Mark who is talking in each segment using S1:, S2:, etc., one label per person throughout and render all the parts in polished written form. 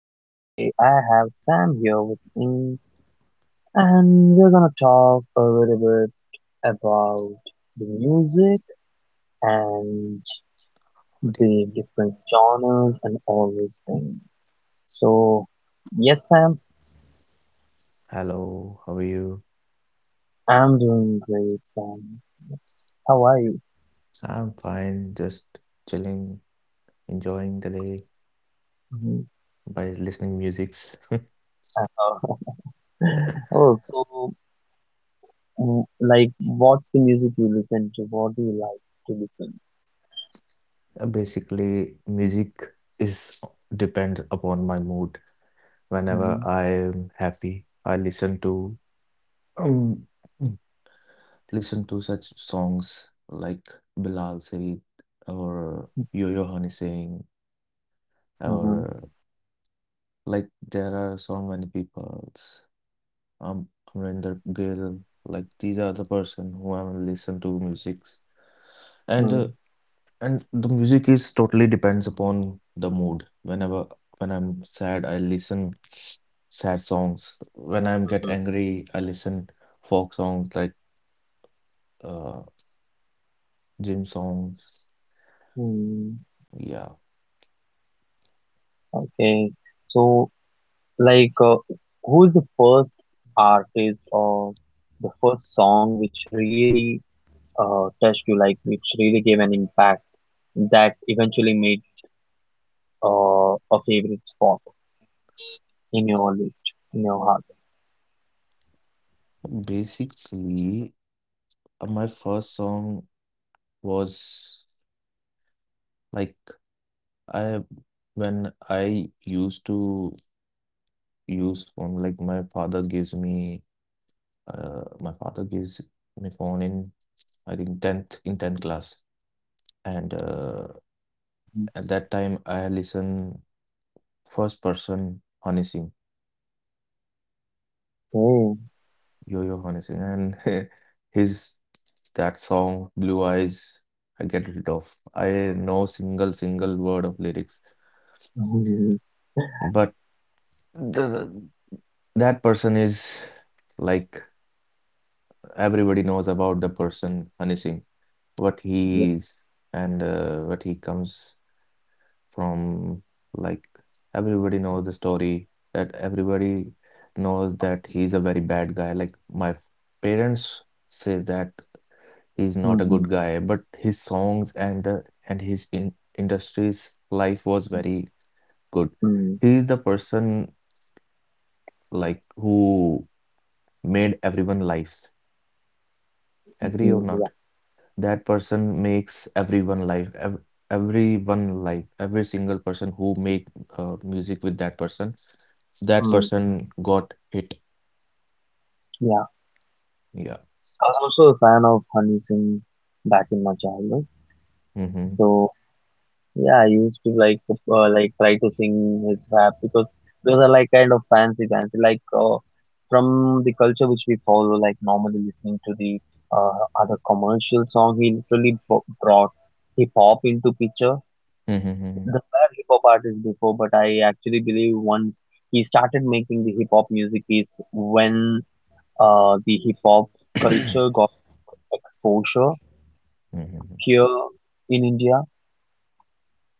S1: Today I have Sam here with me and we're gonna talk a little bit about the music and
S2: What do
S1: the
S2: you-
S1: different genres and all those things. So, yes Sam,
S2: Hello, how are you?
S1: I'm doing great Sam. How are you?
S2: I'm fine, just chilling, enjoying the day
S1: Mhm.
S2: by listening musics.
S1: oh, so like what's the music you listen to? What do you like to listen?
S2: Basically, music is depend upon my mood.
S1: Mm-hmm.
S2: Whenever I am happy, I listen to um listen to such songs like Bilal Said or Yo-Yo Honey Singh,
S1: Mm-hmm.
S2: or like there are so many people, um Amrinder Gill. Like these are the person who I will listen to musics, and
S1: Mm-hmm.
S2: uh, and the music is totally depends upon the mood. When I'm sad, I listen sad songs. When I'm get angry, I listen folk songs like uh gym songs.
S1: Hmm,
S2: Yeah,
S1: okay. So, like, uh, who's the first artist or the first song which really touched you, which really gave an impact that eventually made a favorite spot in your list, in your heart?
S2: basically, my first song was, like, I when I used to use phone. Like my father gives me, my father gives me phone in, I think, tenth class, and
S1: Mhm.
S2: at that time I listen first person Honey Singh,
S1: Okay.
S2: Yo-Yo Honey Singh, and his that song Blue Eyes. I get rid of. I know single word of lyrics,
S1: Mhm.
S2: but the, that person is, like, everybody knows about the person Honey Singh what
S1: Yeah.
S2: he's, and what he comes from. Like everybody knows the story, that everybody knows that he's a very bad guy. Like my parents say that he's not a
S1: Mm-hmm.
S2: good guy, but his songs and the and his in industry's life was very good. He is the person like who made everyone lives. Agree or
S1: Mm-hmm. Yeah.
S2: not? That person makes everyone live, every single person who make music with that person, that
S1: Mm.
S2: person got hit.
S1: Yeah.
S2: Yeah.
S1: I was also a fan of Honey Singh back in my childhood.
S2: Mm-hmm.
S1: So, Yeah, I used to like try to sing his rap because those are like kind of fancy from the culture which we follow, like normally listening to the other commercial song. He literally brought hip hop into picture. There
S2: Mm-hmm.
S1: were hip hop artists before, but I actually believe once he started making the hip hop music is when the hip hop culture got exposure
S2: Mm-hmm.
S1: here in India.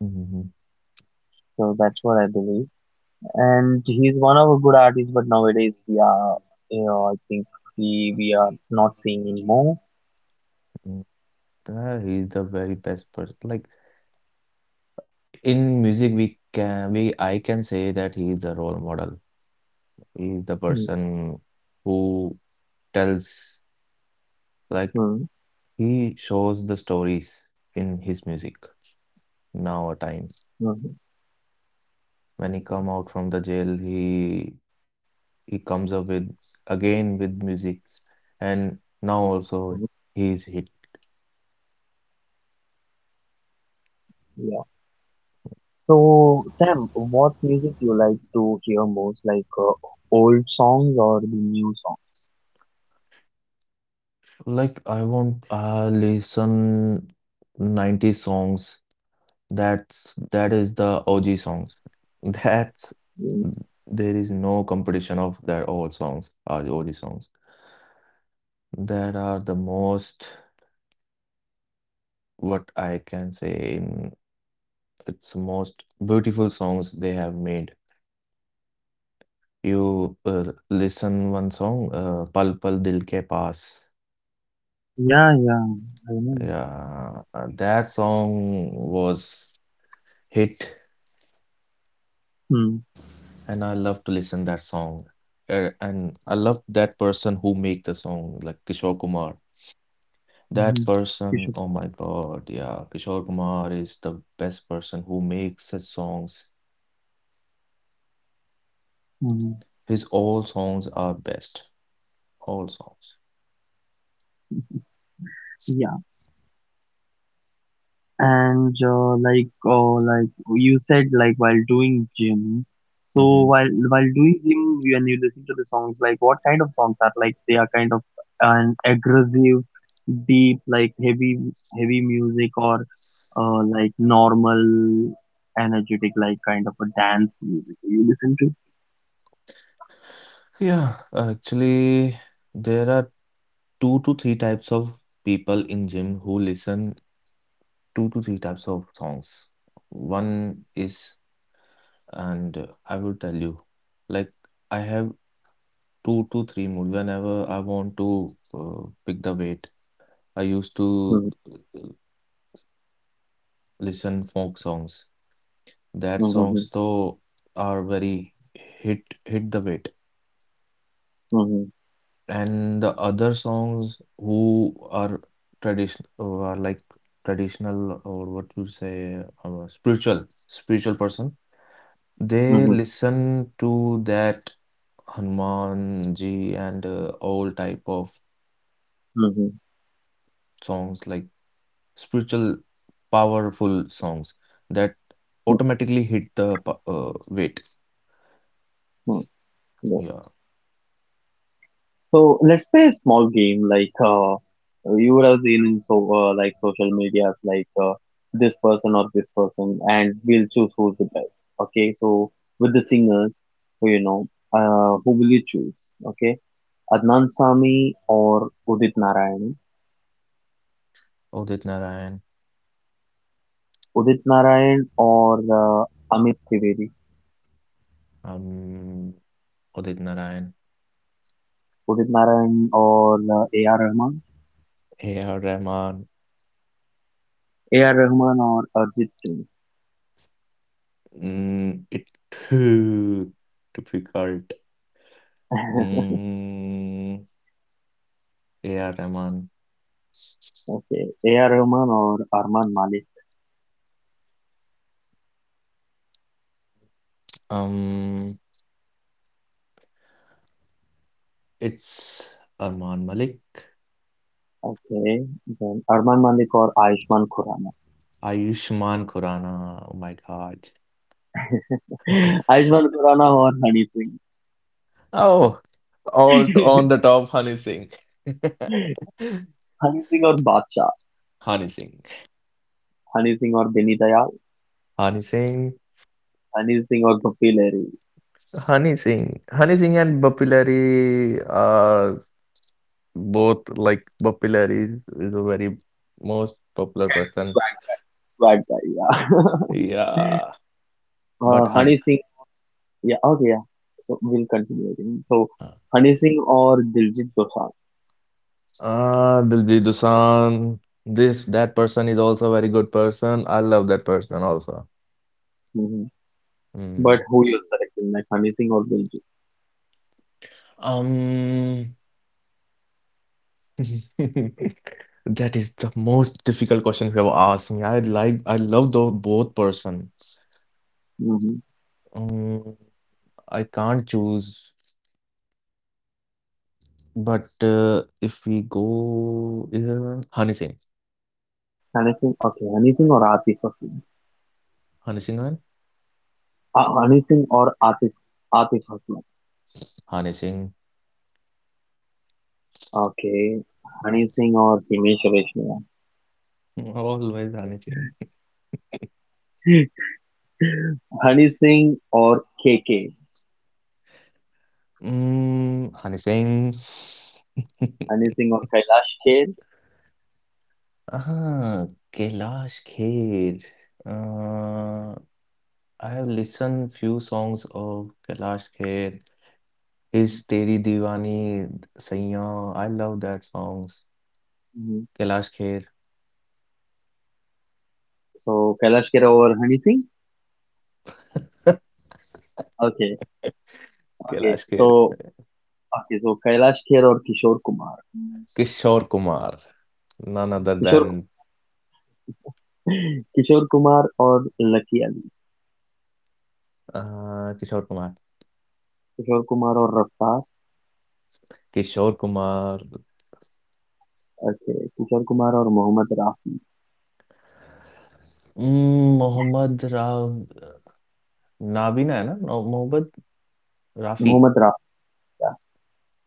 S2: Mm-hmm.
S1: So that's what I believe. And he's one of a good artists, but nowadays, yeah, I think we are not seeing him more.
S2: He's the very best person, like in music we can, we I can say that he is the role model. He is the
S1: Hmm,
S2: person who tells, like,
S1: hmm,
S2: he shows the stories in his music now a time
S1: hmm,
S2: When he come out from the jail, he comes up with again with music, and now
S1: hmm,
S2: also he is hit.
S1: yeah. So Sam, what music you like to hear most, old songs or the new songs?
S2: I listen 90 songs. That is the OG songs. That's
S1: Mm,
S2: there is no competition of that old songs or OG songs. That are the most, what I can say, in it's most beautiful songs they have made. You listen one song, Pal Pal Dil Ke Paas.
S1: yeah, yeah, I know.
S2: Yeah, that song was hit,
S1: Hmm,
S2: and I love to listen that song. And I love that person who make the song, like Kishore Kumar. That
S1: hmm, you
S2: person,
S1: should,
S2: oh my God, yeah, Kishore Kumar is the best person who makes his songs.
S1: hmm.
S2: His all songs are best, all songs.
S1: And like you said, like while doing gym, so
S2: Hmm.
S1: while doing gym, when you listen to the songs, like what kind of songs are, like they are kind of an aggressive, deep, like heavy music, or like normal, energetic, like kind of a dance music you listen to?
S2: Yeah, actually, there are two to three types of people in gym who listen two to three types of songs. One is, and I will tell you, like, I have two to three mood whenever I want to pick the weight. I used to
S1: Mm-hmm.
S2: uh, listen folk songs. That
S1: Mm-hmm.
S2: songs though are very hit the weight.
S1: Mm-hmm.
S2: And the other songs who are tradition, are like traditional, or what you say, spiritual person, they
S1: Mm-hmm.
S2: listen to that Hanuman ji and all type of songs like spiritual powerful songs, that automatically hit the weight.
S1: Mm-hmm.
S2: Yeah.
S1: So let's play a small game like you would have seen in so like social medias like this person or this person, and we'll choose who's the best. Okay, so with the singers, so you know, who will you choose? Okay, Adnan Sami or Udit Narayan,
S2: Udit Narayan.
S1: Udit Narayan or Amit Trivedi,
S2: um Udit Narayan.
S1: Udit Narayan or A.R. Rahman,
S2: A.R. Rahman.
S1: A.R. Rahman or Arjit Singh.
S2: Mm, it too difficult. Mm, yeah, Rahman.
S1: Okay, A.R. Rahman or Arman Malik.
S2: Um, it's Arman Malik.
S1: Okay, then Arman Malik और Ayushman Khurana.
S2: Ayushman Khurrana. Oh my God.
S1: Ayushman Khurana और Honey Singh.
S2: Oh, on the top, Honey Singh.
S1: Honey Singh और बादशाह,
S2: Honey Singh.
S1: Honey Singh और Beni Dayal,
S2: Honey Singh.
S1: Honey Singh और पप्पी लहरी।
S2: Honey Singh. Honey Singh and Bapilari are both like, Bapilari is a very most popular person.
S1: Swag, swag guy, yeah.
S2: Yeah. But honey,
S1: Honey Singh, yeah, okay, yeah. So we'll continue again. So
S2: uh,
S1: Honey Singh और Diljit Dosanjh.
S2: Diljit Dosanjh, this that person is also a very good person. I love that person also.
S1: Hmm. But
S2: Mm.
S1: who you're selecting? Like Honey Singh और Diljit.
S2: Um, that is the most difficult question you have asked me. I like, I love the both persons.
S1: Hmm.
S2: Um, I can't choose. But if we go, Hani Singh.
S1: Honey Singh, okay, Honey Singh और Atif Aslam.
S2: Hani Singh, and
S1: Honey Singh और Atif, Atif Aslam.
S2: Hani Singh.
S1: Okay, Hany Singh और Himesh Reshammiya,
S2: Always Hani Singh.
S1: Honey Singh और KK,
S2: Mm, Hani Singh.
S1: Honey Singh और कैलाश खेर,
S2: हाँ, Kailash Kher. Uh, I have listened few songs of Kailash Kher. His Teri Deewani, Saiyaan, I love that songs. Kailash Kher.
S1: So Kailash Kher और Honey Singh, okay, okay
S2: Kailash
S1: so
S2: Kher.
S1: Okay so Kailash Kher और Kishore Kumar,
S2: Kishore Kumar, none other
S1: Kishore
S2: than
S1: Kishore Kumar और Lucky Ali,
S2: uh, Kishore Kumar.
S1: Kishore Kumar और Raftaar,
S2: Kishore Kumar.
S1: Okay Kishore Kumar और मोहम्मद राफी,
S2: उम, मोहम्मद राव नाबीना है ना? मोहम्मद राफ़ी।
S1: मोहम्मद राफी का,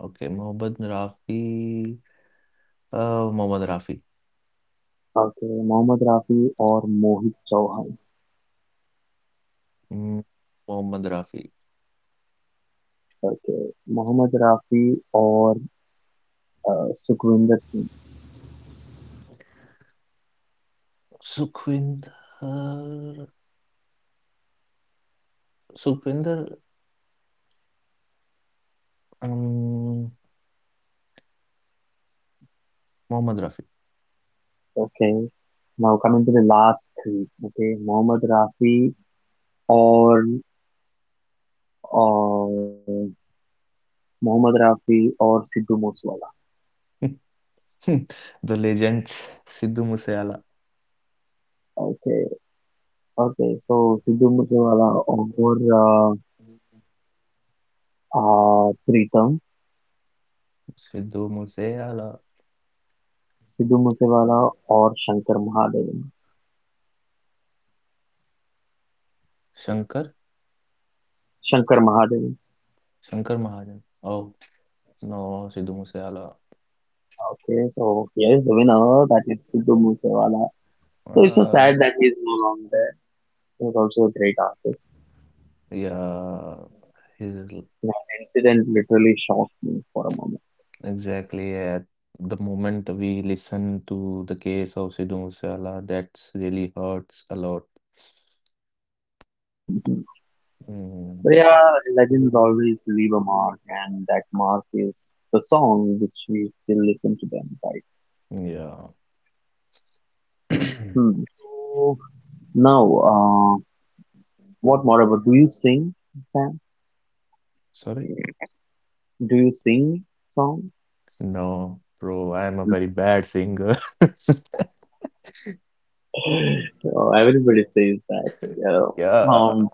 S2: ओके, मोहम्मद राफ़ी। मोहम्मद राफ़ी।
S1: ओके मोहम्मद राफी और मोहित चौहान,
S2: हुँ, मोहम्मद रफ़ी।
S1: ओके मोहम्मद राफी और Sukhvinder Singh.
S2: Sukhvinder Sukhvinder um, Mohammed Rafi.
S1: Okay. Now coming to the last three. Okay, or uh, Mohammad Rafi or Sidhu Moosewala.
S2: The legends, Sidhu Moosewala.
S1: Okay, okay. So Sidhu Moosewala or uh, Pritam,
S2: Sidhu Moosewala,
S1: Sidhu Moosewala or Shankar Mahadevan.
S2: Shankar,
S1: Shankar Mahadevan.
S2: Shankar Mahajan. Oh, no, Sidhu Moosewala.
S1: Okay, so here is the winner. That is Sidhu Moosewala. So it's so
S2: Uh,
S1: sad that he is no longer there. He was also a great artist.
S2: yeah, he's
S1: That incident literally shocked me for a moment.
S2: exactly at the moment we listen to the case of Sidhu Moosewala, that's really hurts a lot.
S1: Mhm.
S2: Mm,
S1: But yeah, legends always leave a mark, and that mark is the song which we still listen to them, right?
S2: yeah.
S1: Hmm. So now, uh, what more about? Do you sing, Sam?
S2: Sorry?
S1: Do you sing song?
S2: No, bro, I am a very bad singer.
S1: Oh, everybody says that. Yeah.
S2: Yeah,
S1: Um,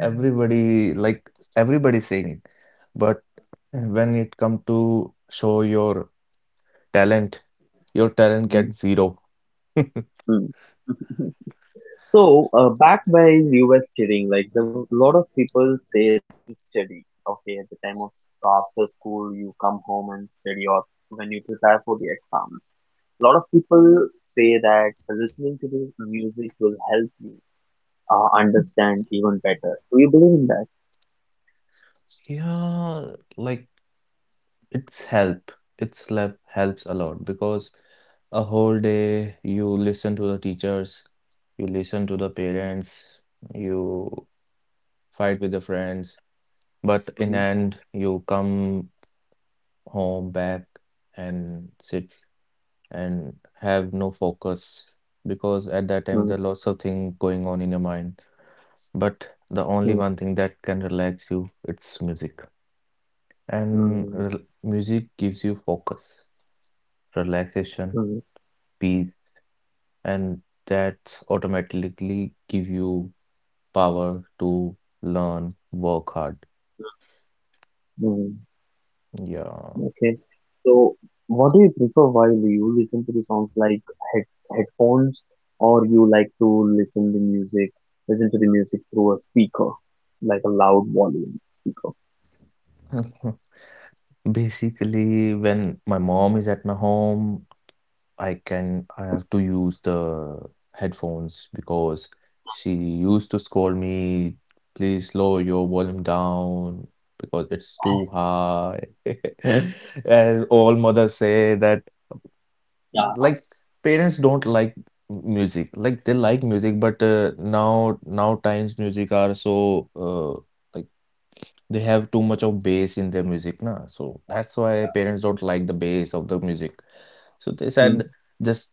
S2: everybody, like, everybody sing, but when it come to show talent, your talent
S1: mhm,
S2: gets zero.
S1: mhm. So, back by you were stating, like, there were a lot of people say you study. Okay, at the time of after school, you come home and study, or when you prepare for the exams. A lot of people say that listening to the music will help you understand even better. Do you believe in that?
S2: Yeah, like, it's help. It's help helps a lot, because a whole day you listen to the teachers, you listen to the parents, you fight with the friends, but in
S1: Hmm,
S2: end you come home back and sit and have no focus, because at that time
S1: mm,
S2: there are lots of things going on in your mind. But the only
S1: mm,
S2: one thing that can relax you, it's music. And
S1: mm,
S2: music gives you focus, relaxation,
S1: mm,
S2: peace, and that automatically give you power to learn, work hard.
S1: mm.
S2: Yeah.
S1: Okay. So, what do you prefer while you listen to the songs, like head headphones, or you like to listen the music, listen to the music through a speaker, like a loud volume speaker?
S2: Basically, when my mom is at my home, I have to use the headphones, because she used to scold me, please lower your volume down, because it's too high. As all mothers say that, like, parents don't like music. Like, they like music, but now times music are so like, they have too much of bass in their music, na. So that's why parents don't like the bass of the music. So they said,
S1: Mm,
S2: just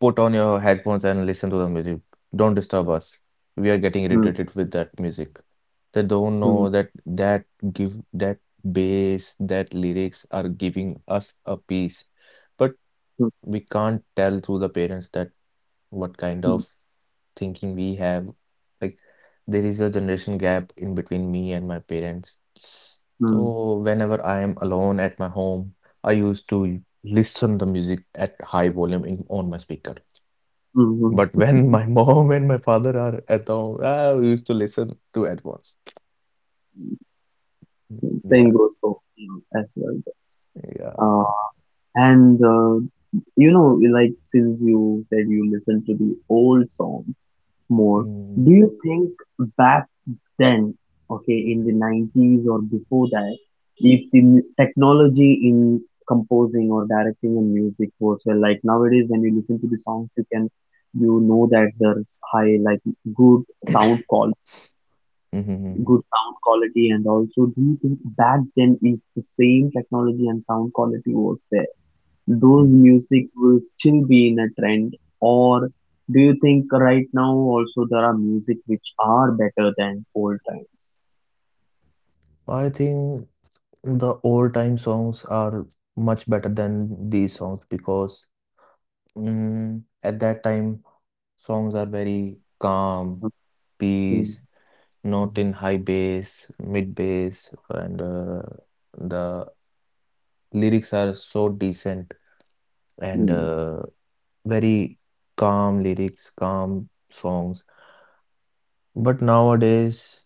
S2: put on your headphones and listen to the music. Don't disturb us. We are getting
S1: mm,
S2: irritated with that music. They don't know
S1: mm,
S2: that that give that bass, that lyrics are giving us a peace. But
S1: mm,
S2: we can't tell through the parents that what kind
S1: mm,
S2: of thinking we have. Like, there is a generation gap in between me and my parents. So whenever I am alone at my home, I used to listen the music at high volume in on my speaker.
S1: mm,
S2: But
S1: mhm.
S2: when my mom and my father are at home, ah, we used to listen to at once. Mm,
S1: Same
S2: yeah,
S1: goes for you as well. Uh,
S2: yeah.
S1: and You know, like since you said you listen to the old song more,
S2: Mm.
S1: do you think back then, okay, in the 90s or before that, if the technology in composing or directing a music was well, like nowadays when you listen to the songs, you can you know that there's high like good sound quality
S2: Mhm, mhm,
S1: good sound quality, and also do you think back then if the same technology and sound quality was there, those
S2: mhm.
S1: music will still be in a trend, or do you think right now also there are music which are better than old times?
S2: I think the old time songs are much better than these songs, because mm, at that time songs are very calm,
S1: Okay.
S2: peace,
S1: Mm.
S2: not in high bass, mid bass, and the lyrics are so decent, and
S1: Mm.
S2: very calm lyrics, calm songs. But nowadays,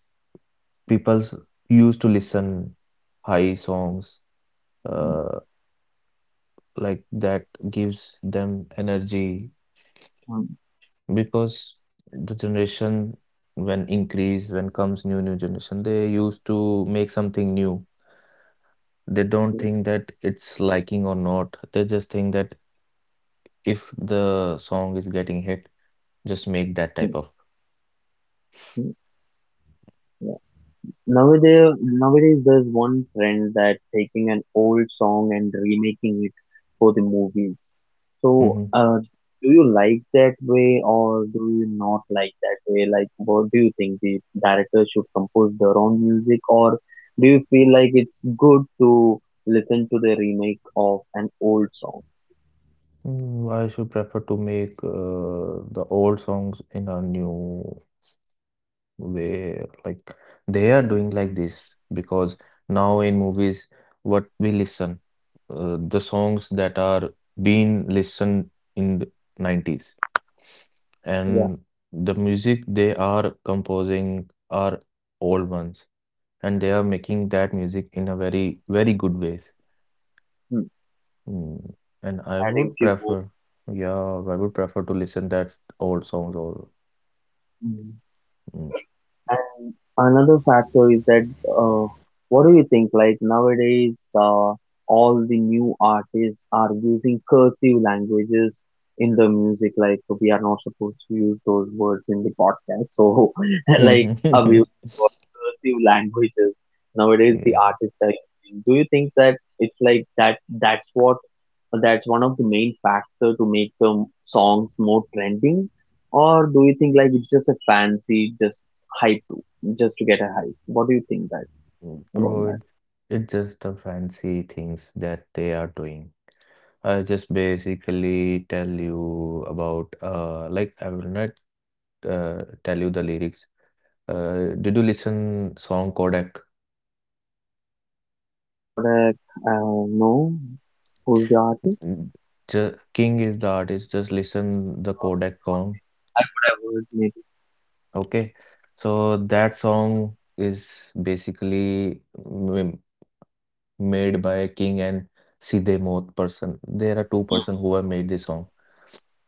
S2: people used to listen high songs, uh, like that gives them energy, because the generation when increase when comes new generation, they used to make something new. They don't
S1: Okay.
S2: think that it's liking or not, they just think that if the song is getting hit, just make that type of.
S1: Okay. Nowadays there's one trend that taking an old song and remaking it for the movies. So,
S2: Mm-hmm.
S1: do you like that way or do you not like that way? Like, what do you think, the directors should compose their own music, or do you feel like it's good to listen to the remake of an old song?
S2: Mm, I should prefer to make the old songs in a new way. Like, they are doing like this because now in movies, what we listen, the songs that are being listened in the nineties,
S1: Yeah,
S2: and the music they are composing are old ones, and they are making that music in a very, very good ways.
S1: hmm.
S2: Mm, and I
S1: Adding
S2: would
S1: few more.
S2: prefer, yeah, I would prefer to listen that old songs, or
S1: Hmm.
S2: mm.
S1: And another factor is that what do you think? Like nowadays, all the new artists are using cursive languages in the music. Like we are not supposed to use those words in the podcast. So, like abuse for cursive languages nowadays, the
S2: Yeah,
S1: artists are using. Do you think that it's like that? That's what. That's one of the main factor to make the songs more trending, or do you think like it's just a fancy just hype, just to get a hype. What do you think that
S2: Mm.
S1: about
S2: bro,
S1: that?
S2: it's just a fancy things that they are doing. I just basically tell you about, like, I will not tell you the lyrics. Did you listen song Kodak?
S1: Kodak, no. Who's the artist?
S2: Just, King is the artist. Just listen the Kodak song.
S1: I would have heard maybe.
S2: Okay, so that song is basically m made by King and Sidhe Moth person. There are two-person who have made this song,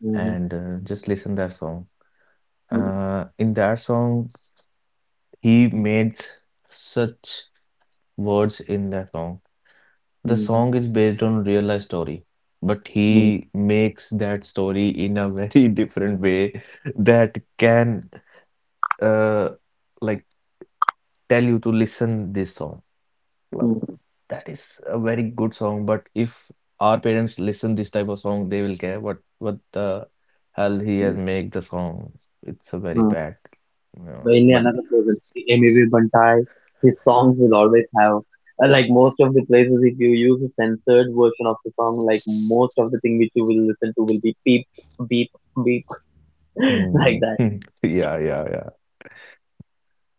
S1: Mm-hmm.
S2: and just listen that song. In that song, he made such words in that song. The
S1: Mm-hmm.
S2: song is based on real life story, but
S1: Mm-hmm.
S2: he makes that story in a very different way that can, uh, like, tell you to listen this song. Well, that is a very good song, but if our parents listen this type of song, they will care what the hell he has made the song. It's a very
S1: Mm-hmm.
S2: bad. Yeah,
S1: Mainly
S2: but
S1: another person, M.A.V. Bantai. His songs will always have like most of the places. If you use a censored version of the song, like most of the thing which you will listen to will be beep, beep, beep, like
S2: hmm,
S1: that.
S2: yeah, yeah, yeah.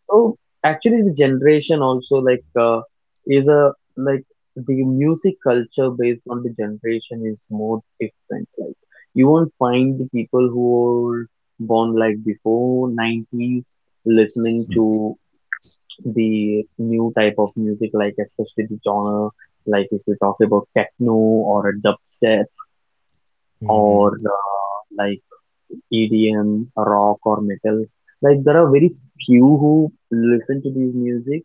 S1: So actually, the generation also like is a like the music culture based on the generation is more different. Like you won't find the people who were born like before 90s listening to the new type of music, like especially the genre. Like if you talk about techno or a dubstep
S2: Mhm,
S1: or EDM, rock or metal, like there are very few who listen to these music,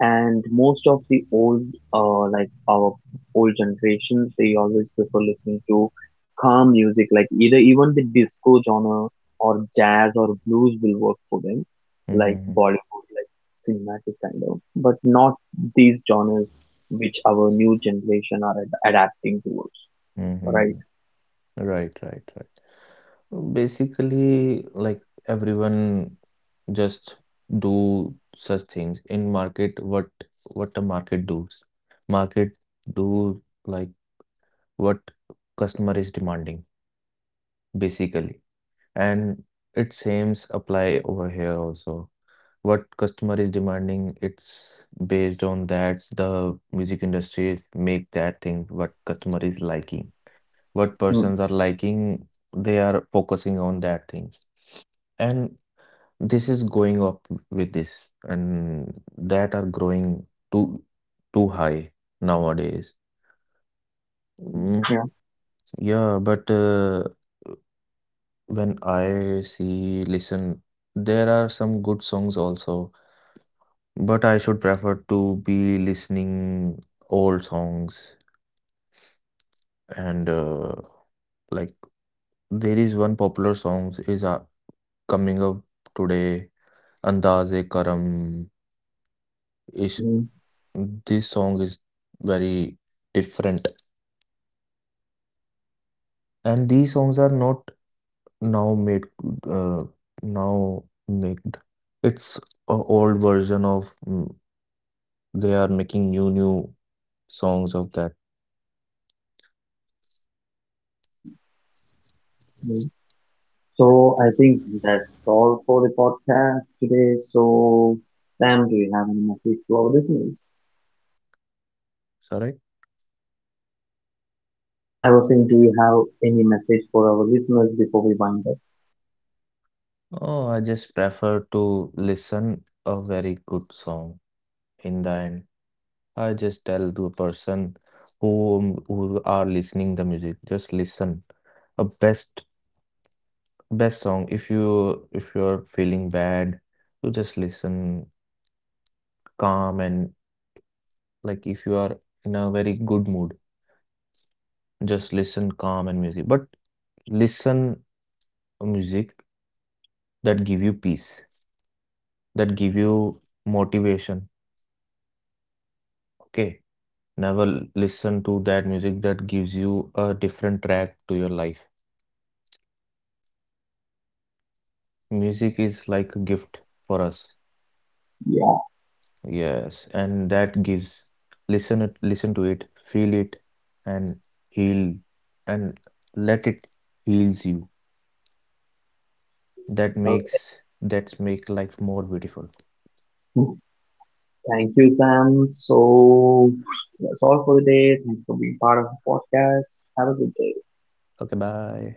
S1: and most of the old, like our old generation, they always prefer listening to calm music, like either even the disco genre or jazz or blues will work for them, like
S2: mhm,
S1: Bollywood, like cinematic kind of, but not these genres which our new generation are adapting towards, right?
S2: mhm. Right, right, right. Basically, like, everyone just do such things in market. What the market does? Market do like, what customer is demanding, basically, and it seems apply over here also. What customer is demanding, it's based on that, the music industries make that thing what customer is liking, what persons are liking, they are focusing on that things, and this is going up with this, and that are growing too too high nowadays.
S1: Mm-hmm.
S2: Mm,
S1: Yeah.
S2: yeah, but when I see, listen, there are some good songs also, but I should prefer to be listening old songs, and like there is one popular songs is coming up today, Andaz-e Karam is, this song is very different, and these songs are not now made, uh, now made. It's a old version of mm, they are making new songs of that.
S1: Mm-hmm. So I think that's all for the podcast today. So Sam, do you have any message to our listeners?
S2: Sorry.
S1: I was saying, do you have any message for our listeners before we wind up?
S2: Oh, I just prefer to listen a very good song in the end. I just tell the person who are listening the music, just listen a best song. If you are feeling bad, you just listen calm, and like if you are in a very good mood, just listen calm and music. But listen music that give you peace, that give you motivation. Okay. Never listen to that music that gives you a different track to your life. Music is like a gift for us.
S1: Yeah.
S2: Yes, and that gives. Listen it, listen to it, feel it, and heal, and let it heals you. That
S1: Okay.
S2: makes, that make life more beautiful.
S1: Thank you, Sam. So that's all for the day. Thanks for being part of the podcast. Have a good day.
S2: Okay, bye.